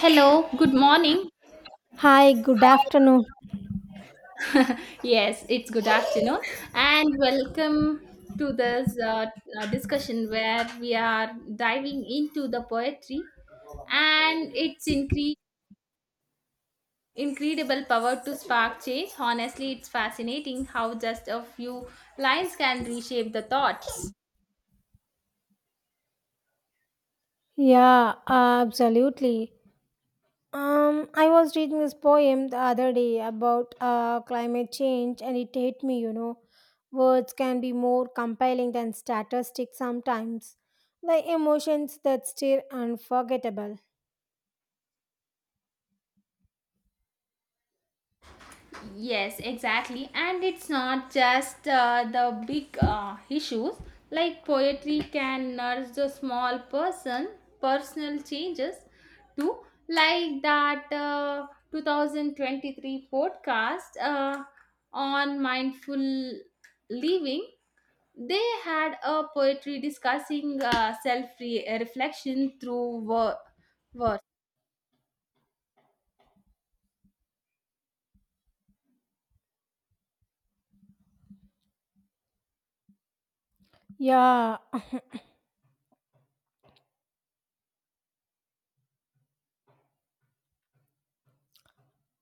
Hello, good morning. Hi, good afternoon. Yes, it's good afternoon, and welcome to this discussion where we are diving into the poetry and its incredible power to spark change. Honestly, it's fascinating how just a few lines can reshape the thought. Yeah, absolutely. I was reading this poem the other day about climate change, and it hit me. Words can be more compelling than statistics sometimes. The emotions that stir unforgettable. Yes, exactly. And it's not just the big issues. Like poetry can nurse the small person, personal changes too. Like that 2023 podcast on mindful living, they had a poetry discussing self reflection through work. Yeah,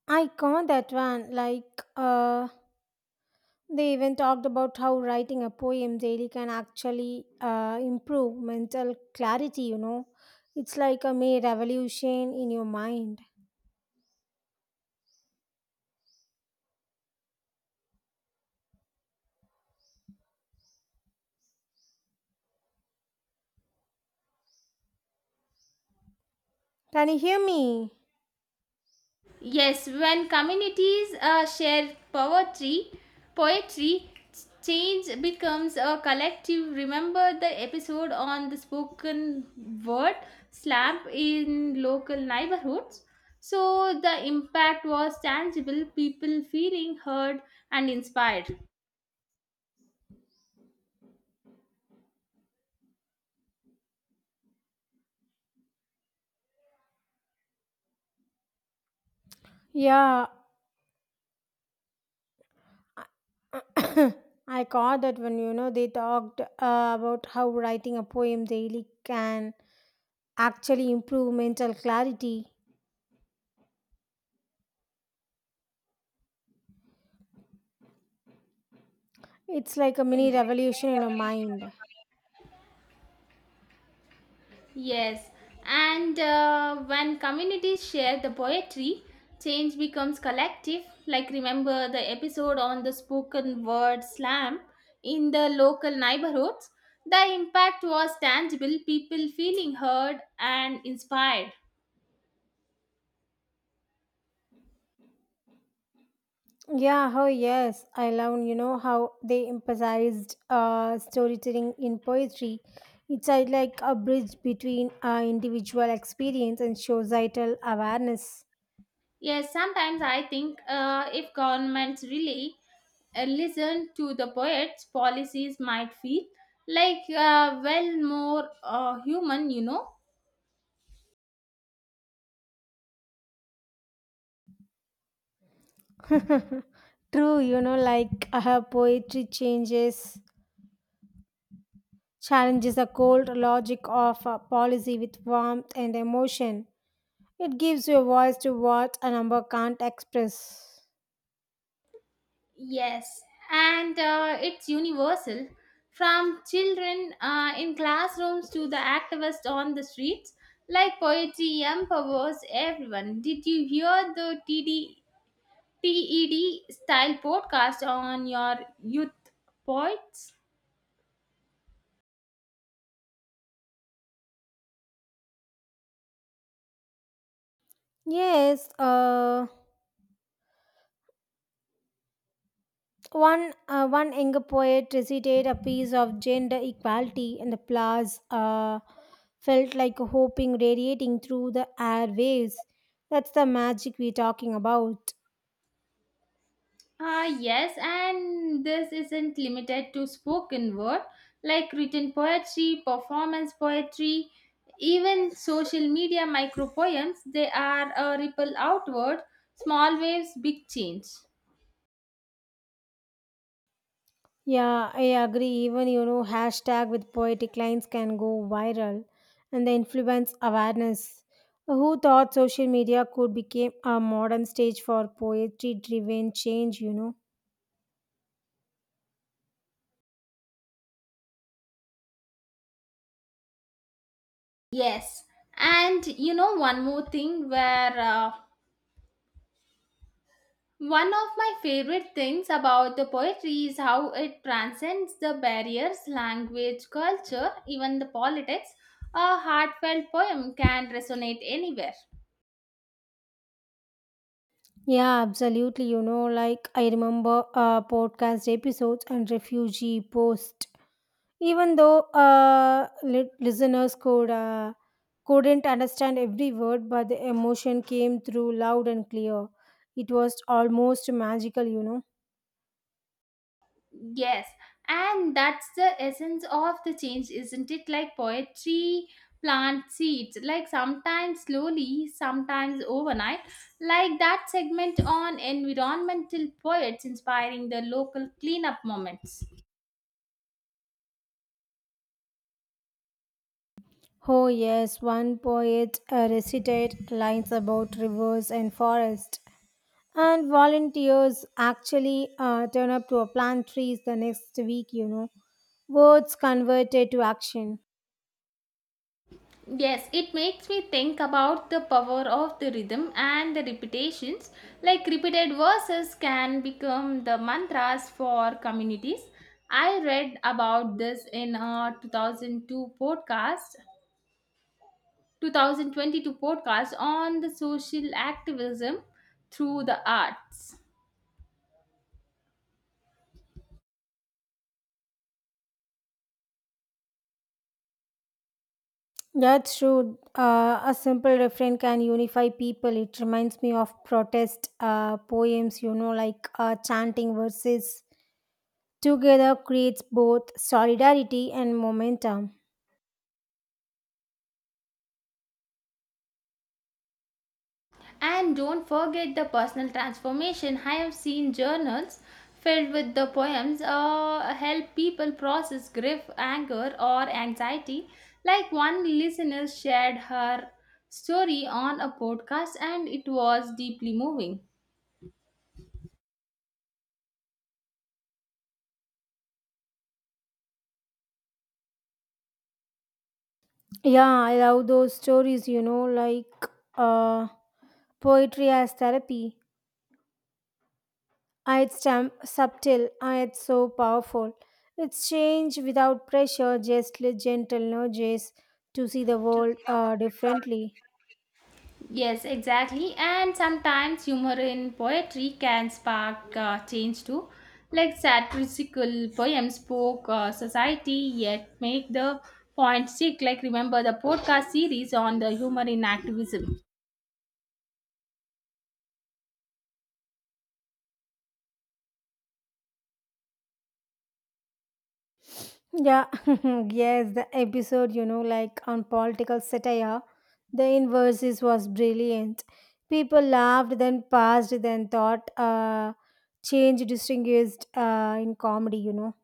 I caught that one. They even talked about how writing a poem daily can actually improve mental clarity. It's like a mini revolution in your mind. Can you hear me? Yes, when communities share poetry, change becomes a collective. Remember the episode on the spoken word slump in local neighborhoods. So the impact was tangible, people feeling heard and inspired. Yeah. I caught that when they talked about how writing a poem daily can actually improve mental clarity. It's like a mini revolution in your mind. Yes, and when communities share the poetry, change becomes collective. Like, remember the episode on the spoken word slam in the local neighborhoods? The impact was tangible, people feeling heard and inspired. Yeah, oh yes, I love how they emphasized storytelling in poetry. It's like a bridge between individual experience and societal awareness. Yes, sometimes I think if governments really listen to the poets, policies might feel like well, more human, you know. True. Poetry changes challenges the cold logic of policy with warmth and emotion. It gives you a voice to what a number can't express. Yes, and it's universal. From children in classrooms to the activists on the streets, like poetry empowers everyone. Did you hear the TDTED style podcast on your youth poets? Yes, one younger poet recited a piece of gender equality, and the applause felt like a hoping radiating through the airwaves. That's the magic we're talking about. Ah, yes, and this isn't limited to spoken word, like written poetry, performance poetry, even social media micro poems, they are a ripple outward, small waves, big change. Yeah, I agree. Even hashtag with poetic lines can go viral, and the influence awareness. Who thought social media could become a modern stage for poetry-driven change? Yes, and you know, one more thing where one of my favorite things about the poetry is how it transcends the barriers, language, culture, even the politics. A heartfelt poem can resonate anywhere. Yeah, absolutely. You know, like I remember podcast episodes and refugee post. Even though listeners couldn't understand every word, but the emotion came through loud and clear. It was almost magical. Yes, and that's the essence of the change, isn't it? Like poetry plant seeds, like sometimes slowly, sometimes overnight. Like that segment on environmental poets inspiring the local cleanup moments. Oh yes, one poet recited lines about rivers and forest, and volunteers actually turn up to plant trees the next week. Words converted to action. Yes, it makes me think about the power of the rhythm and the repetitions. Like repeated verses can become the mantras for communities. I read about this in a 2002 podcast, 2022 podcast on the social activism through the arts. That's true. A simple refrain can unify people. It reminds me of protest poems, like chanting verses. Together creates both solidarity and momentum. And don't forget the personal transformation. I have seen journals filled with the poems help people process grief, anger, or anxiety. Like one listener shared her story on a podcast, and it was deeply moving. Yeah, I love those stories, uh, poetry as therapy. It's subtle. It's so powerful. It's change without pressure, just gentle nudges to see the world differently. Yes, exactly. And sometimes humor in poetry can spark change too. Like satirical poems spoke society, yet make the point stick. Like remember the podcast series on the humor in activism. Yeah, yes, the episode on political satire, the inverses was brilliant. People laughed, then passed, then thought, change distinguished in comedy.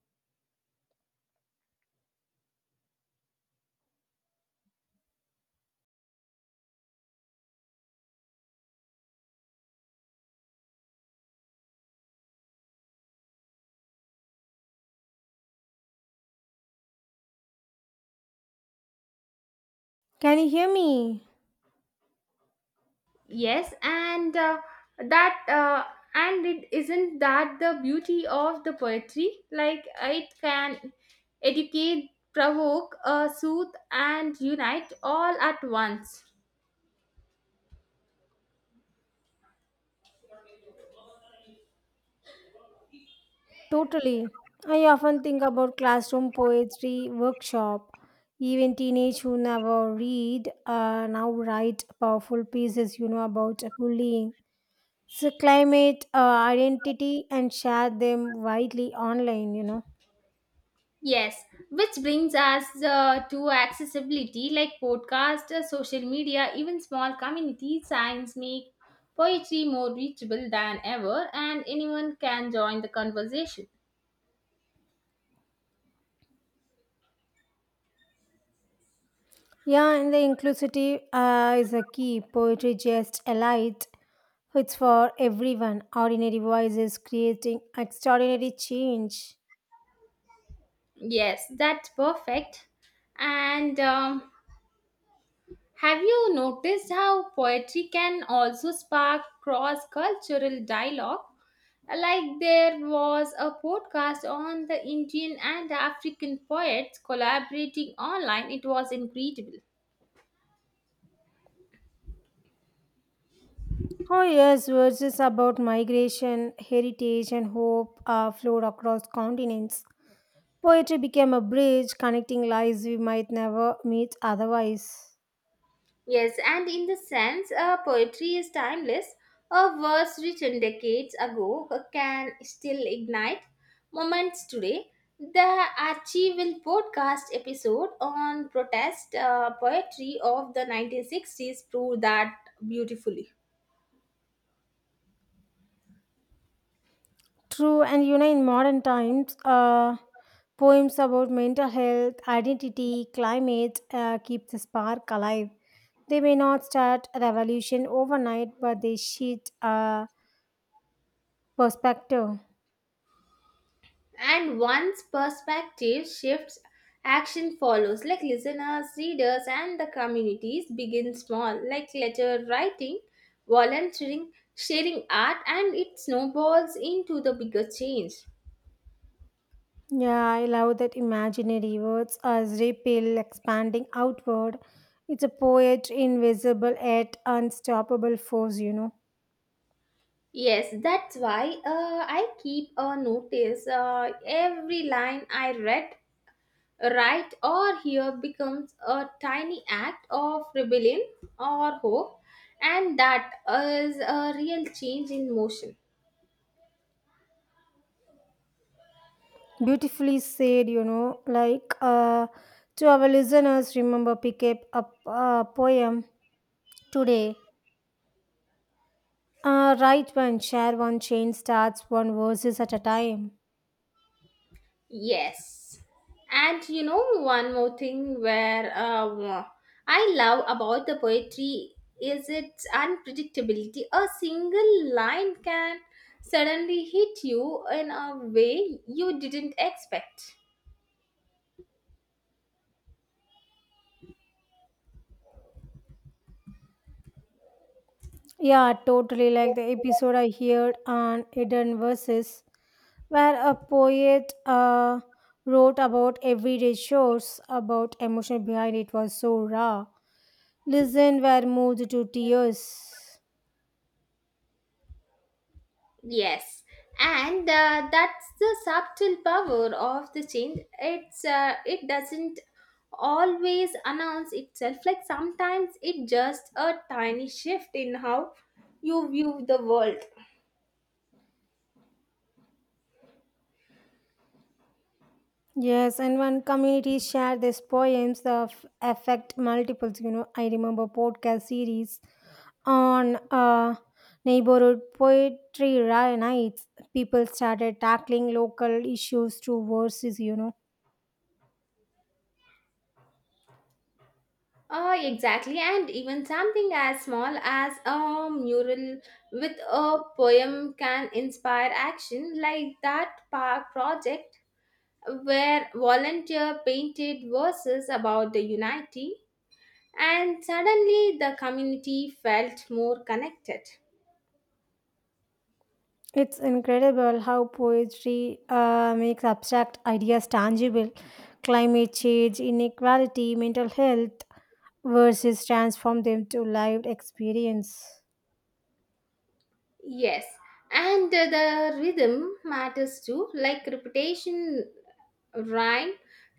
Can you hear me? Yes, that uh, and it isn't that the beauty of the poetry. Like it can educate, provoke, soothe, and unite all at once. Totally. I often think about classroom poetry workshop. Even teenage who never read now write powerful pieces, about bullying, so climate, identity, and share them widely online. Yes, which brings us to accessibility like podcast, social media, even small community signs make poetry more reachable than ever, and anyone can join the conversation. Yeah, and the inclusivity is a key. Poetry just elite. It's for everyone. Ordinary voices creating extraordinary change. Yes, that's perfect. And have you noticed how poetry can also spark cross cultural dialogue? Like there was a podcast on the Indian and African poets collaborating online, it was incredible. Oh, yes, verses about migration, heritage, and hope flowed across continents. Poetry became a bridge connecting lives we might never meet otherwise. Yes, and in the sense, poetry is timeless. A verse written decades ago can still ignite moments today. The Archival podcast episode on protest poetry of the 1960s proved that beautifully. True, and in modern times, poems about mental health, identity, climate keep the spark alive. They may not start a revolution overnight, but they shed perspective. And once perspective shifts, action follows. Like listeners, readers, and the communities begin small, like letter writing, volunteering, sharing art, and it snowballs into the bigger change. Yeah, I love that imaginary words as repeal expanding outward. It's a poet, invisible yet unstoppable force. Yes, that's why I keep a notice. Every line I read, write, or hear becomes a tiny act of rebellion or hope, and that is a real change in motion. Beautifully said. To our listeners, remember pick up a poem today. Write one, share one, change starts one verses at a time. Yes. And you know, one more thing where I love about the poetry is its unpredictability. A single line can suddenly hit you in a way you didn't expect. Yeah, totally like the episode I heard on Eden Verses, where a poet wrote about everyday chores, about emotion behind it was so raw. Listen were moved to tears. Yes, and that's the subtle power of the change. It's it doesn't always announce itself. Like sometimes it just a tiny shift in how you view the world. Yes, and when communities share these poems, the affect multiples. I remember podcast series on neighborhood poetry nights. People started tackling local issues through verses. Exactly, and even something as small as a mural with a poem can inspire action, like that park project where volunteer painted verses about the unity and suddenly the community felt more connected. It's incredible how poetry makes abstract ideas tangible. Climate change, inequality, mental health verses transform them to lived experience. Yes, and the rhythm matters too, like repetition, rhyme,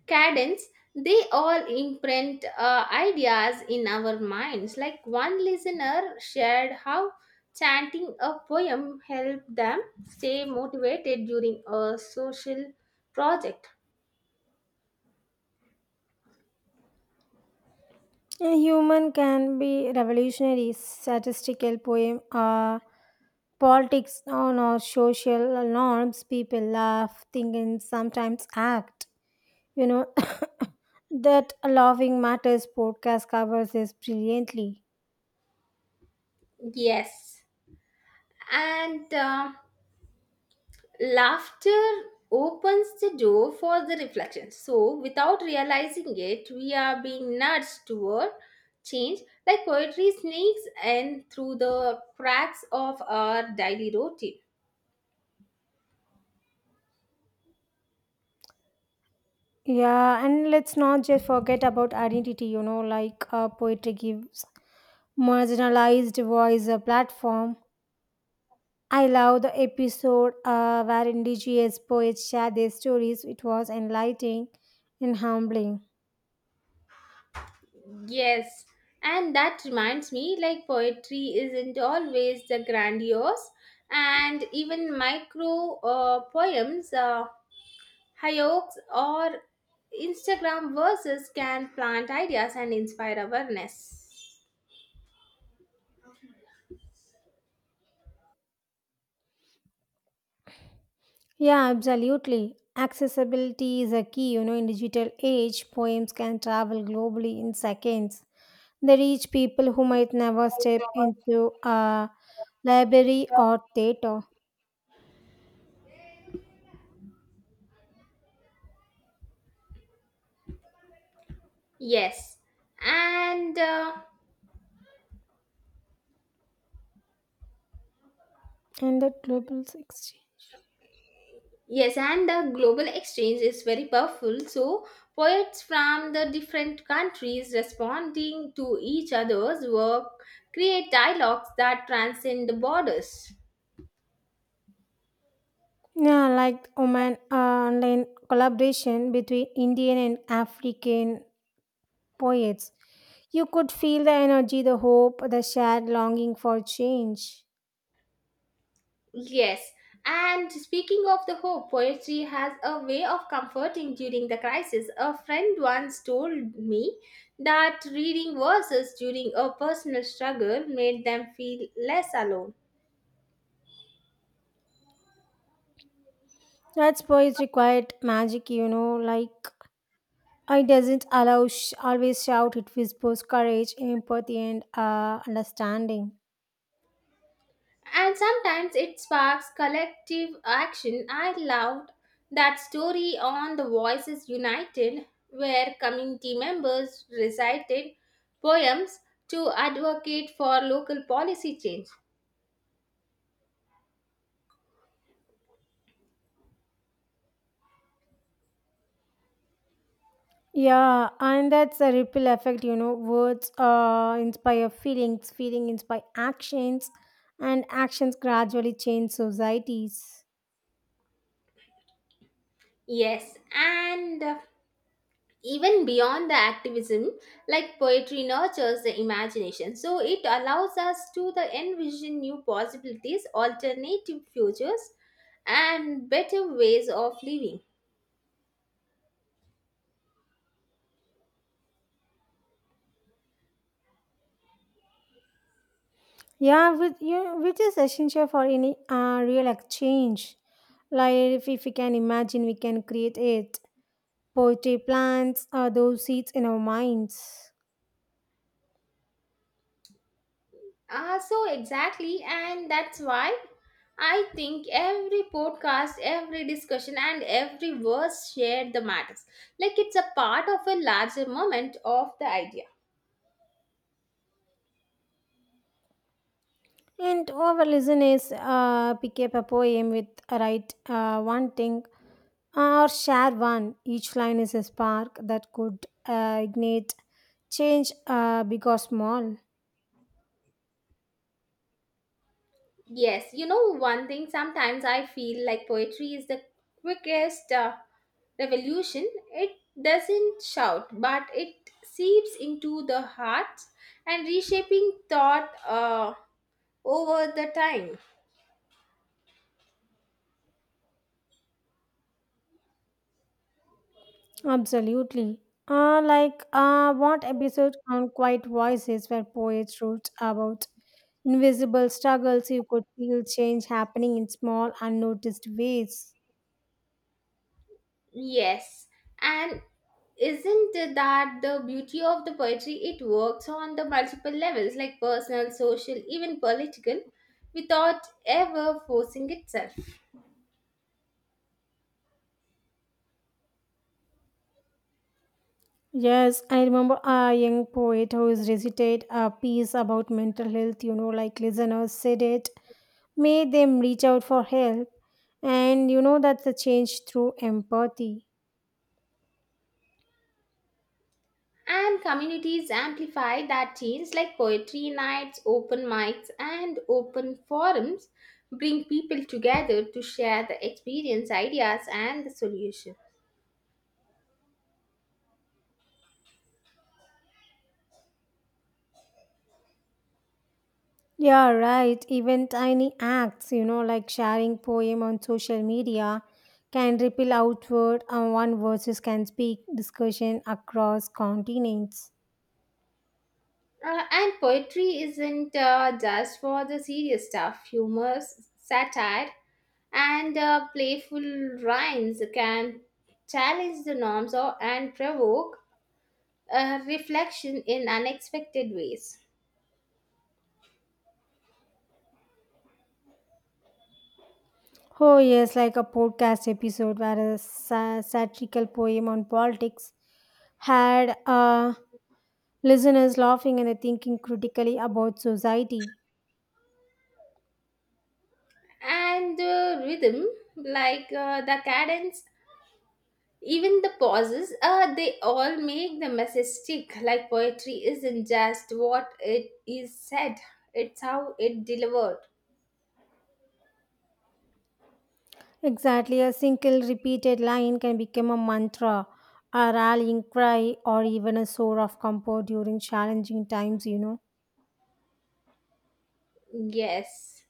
cadence. They all imprint ideas in our minds. Like one listener shared how chanting a poem helped them stay motivated during a social project. A human can be revolutionary, statistical poem, politics on our social norms, people laugh, think, and sometimes act. You know, that laughing matters podcast covers this brilliantly. Yes, and laughter opens the door for the reflection. So, without realizing it, we are being nudged toward change, like poetry sneaks in through the cracks of our daily routine. Yeah, and let's not just forget about identity, like poetry gives marginalized voice a platform. I love the episode where indigenous poets share their stories. It was enlightening and humbling. Yes, and that reminds me like, poetry isn't always the grandiose, and even micro hayaks, or Instagram verses can plant ideas and inspire awareness. Yeah, absolutely. Accessibility is a key, in digital age, poems can travel globally in seconds. They reach people who might never step into a library or theater. Yes, and uh, And that global exchange. yes, and the global exchange is very powerful. So poets from the different countries responding to each other's work create dialogues that transcend the borders. Yeah, like Oman online collaboration between Indian and African poets. You could feel the energy, the hope, the shared longing for change. Yes, and speaking of the hope, poetry has a way of comforting during the crisis. A friend once told me that reading verses during a personal struggle made them feel less alone. That's poetry quite magic, it doesn't allow always shout, it whispers courage, empathy, and understanding. And sometimes it sparks collective action. I loved that story on the Voices United, where community members recited poems to advocate for local policy change. Yeah, and that's the ripple effect. Words inspire feelings, feeling inspire actions, and actions gradually change societies. Yes, and even beyond the activism, like poetry nurtures the imagination. So it allows us to the envision new possibilities, alternative futures, and better ways of living. Which is essential for any real exchange. Like if we can imagine, we can create it. Poetry plants are those seeds in our minds. Ah, so exactly, and that's why I think every podcast, every discussion, and every verse shared the matters. Like it's a part of a larger moment of the idea. And our listeners pick up a poem with write one thing or share one. Each line is a spark that could ignite change, big or small. Yes, you know, one thing sometimes I feel like poetry is the quickest revolution. It doesn't shout, but it seeps into the heart and reshaping thought over the time. Absolutely. What episode on Quiet Voices where poets wrote about invisible struggles you could feel change happening in small unnoticed ways. Yes, and isn't that the beauty of the poetry? It works on the multiple levels, like personal, social, even political, without ever forcing itself. Yes, I remember a young poet who is recited a piece about mental health, like listeners said it, made them reach out for help. And that's a change through empathy. And communities amplify that change, like poetry nights, open mics, and open forums bring people together to share the experience, ideas, and the solution. Yeah, right. Even tiny acts, like sharing poem on social media can ripple outward and one versus can speak discussion across continents. And poetry isn't just for the serious stuff. Humor, satire, and playful rhymes can challenge the norms or, and provoke reflection in unexpected ways. Oh yes, like a podcast episode where a satirical poem on politics had listeners laughing and thinking critically about society. And rhythm, like the cadence, even the pauses, they all make the message stick. Like poetry isn't just what it is said, it's how it delivered. Exactly, a single repeated line can become a mantra, a rallying cry, or even a source of comfort during challenging times. Yes.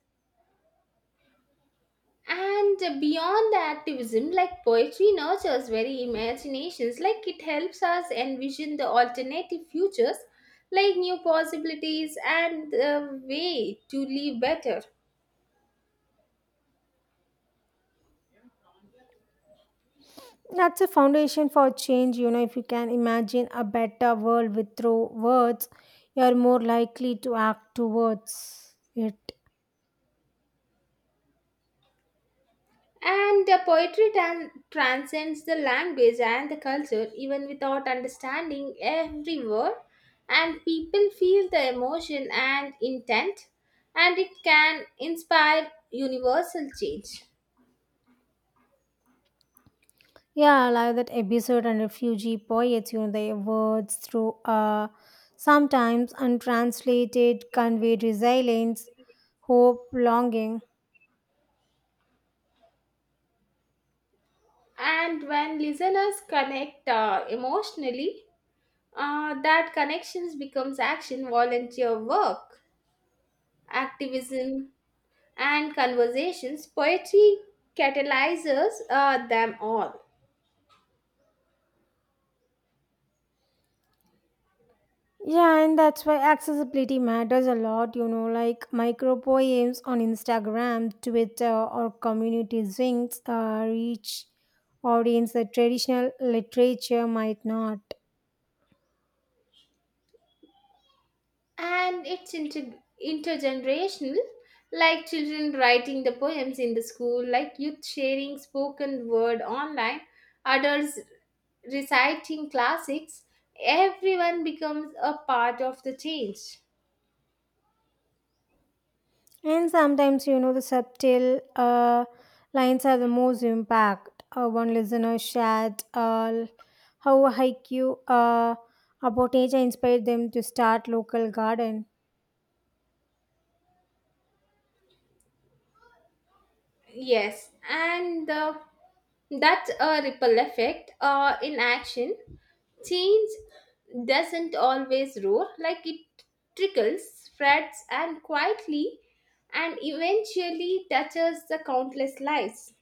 And beyond the activism, like poetry nurtures very imaginations, like it helps us envision the alternative futures, like new possibilities and the way to live better. That's a foundation for change. If you can imagine a better world with through words, you're more likely to act towards it. And the poetry transcends the language and the culture, even without understanding every word. And people feel the emotion and intent, and it can inspire universal change. Yeah, I like that episode on refugee poets, their words through sometimes untranslated conveyed resilience, hope, longing. And when listeners connect emotionally, that connections becomes action, volunteer work, activism, and conversations. Poetry catalyzes them all, Yeah, and that's why accessibility matters a lot, like micro poems on Instagram, Twitter, or community zings reach audience that traditional literature might not. and it's intergenerational. Like children writing the poems in the school, like youth sharing spoken word online, adults reciting classics. Everyone becomes a part of the change. And sometimes, the subtle lines have the most impact. One listener shared how a haiku about nature inspired them to start local garden. Yes, and that's a ripple effect in action. Change doesn't always roar, like it trickles, spreads, and quietly, and eventually touches the countless lives.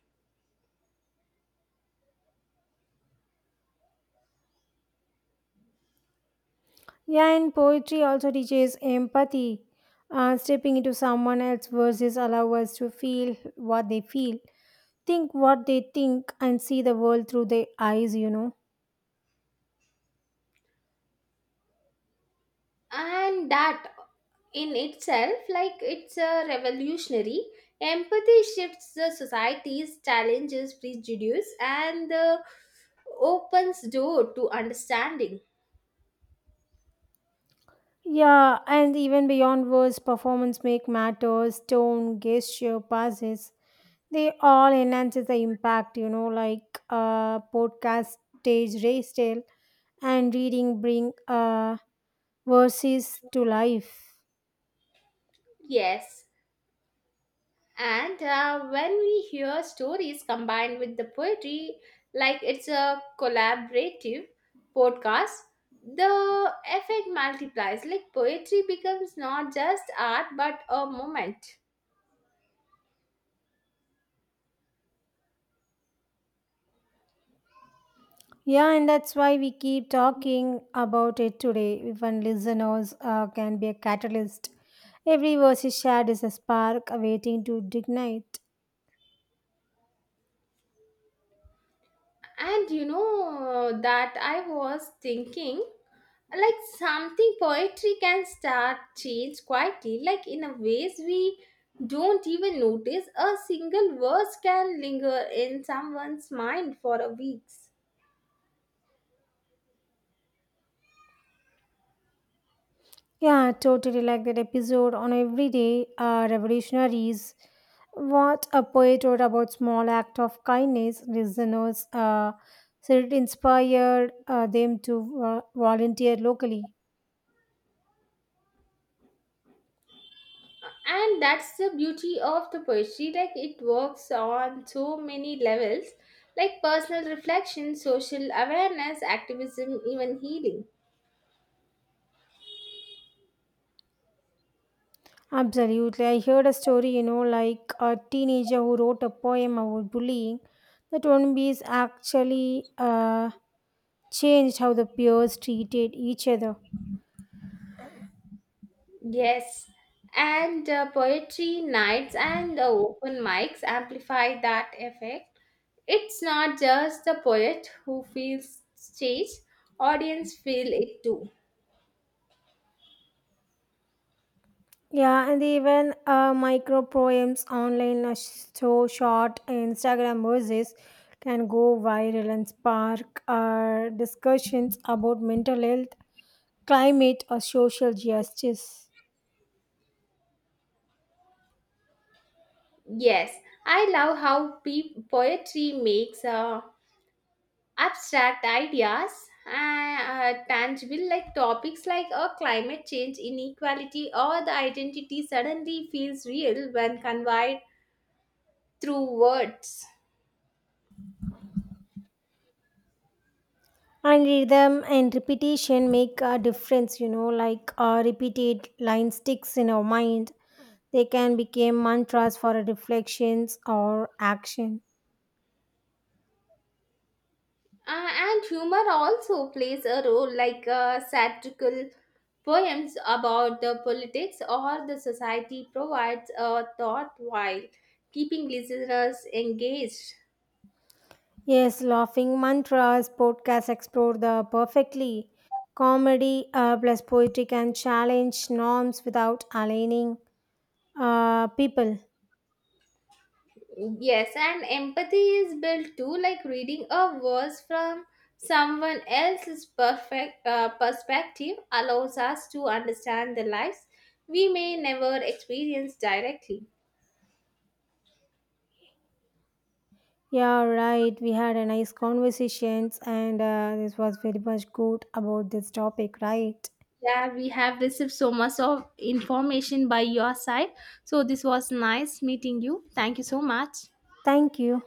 Yeah, and poetry also teaches empathy. Stepping into someone else's verses allow us to feel what they feel, think what they think, and see the world through their eyes. And that in itself, like it's a revolutionary. Empathy shifts the society's challenges, prejudice, and opens door to understanding. Yeah, and even beyond words, performance make matters. Tone, gesture, passes, they all enhances the impact. Like podcast, stage, race tale, and reading bring verses to life. Yes, and when we hear stories combined with the poetry, like it's a collaborative podcast, the effect multiplies. Like poetry becomes not just art but a moment. Yeah, and that's why we keep talking about it today. Even listeners can be a catalyst. Every verse is shared is a spark awaiting to ignite. And you know that I was thinking like something poetry can start change quietly like in a ways we don't even notice. A single verse can linger in someone's mind for a weeks, Yeah, totally like that episode on Everyday Revolutionaries. What a poet wrote about small act of kindness. Listeners said it inspired them to volunteer locally. and that's the beauty of the poetry like it works on so many levels, like personal reflection, social awareness, activism, even healing. Absolutely. I heard a story, like a teenager who wrote a poem about bullying. That one piece actually changed how the peers treated each other. Yes, and poetry nights and open mics amplify that effect. It's not just the poet who feels stage, audience feel it too. Yeah, and even micro poems online are so short Instagram verses can go viral and spark discussions about mental health, climate, or social justice. Yes, I love how poetry makes a abstract ideas and tangible, like topics like climate change, inequality, or the identity suddenly feels real when conveyed through words. And rhythm and repetition make a difference, repeated line sticks in our mind, they can become mantras for reflections or action. And humor also plays a role, like satirical poems about the politics or the society provides a thought while keeping listeners engaged. Yes, laughing mantras podcasts explore the perfectly comedy plus poetry can challenge norms without alienating people. Yes, and empathy is built too, like reading a verse from someone else's perfect perspective allows us to understand the lives we may never experience directly. Yeah, right, we had a nice conversations and this was very much good about this topic, right? Yeah, we have received so much of information by your side. So this was nice meeting you. Thank you so much. Thank you.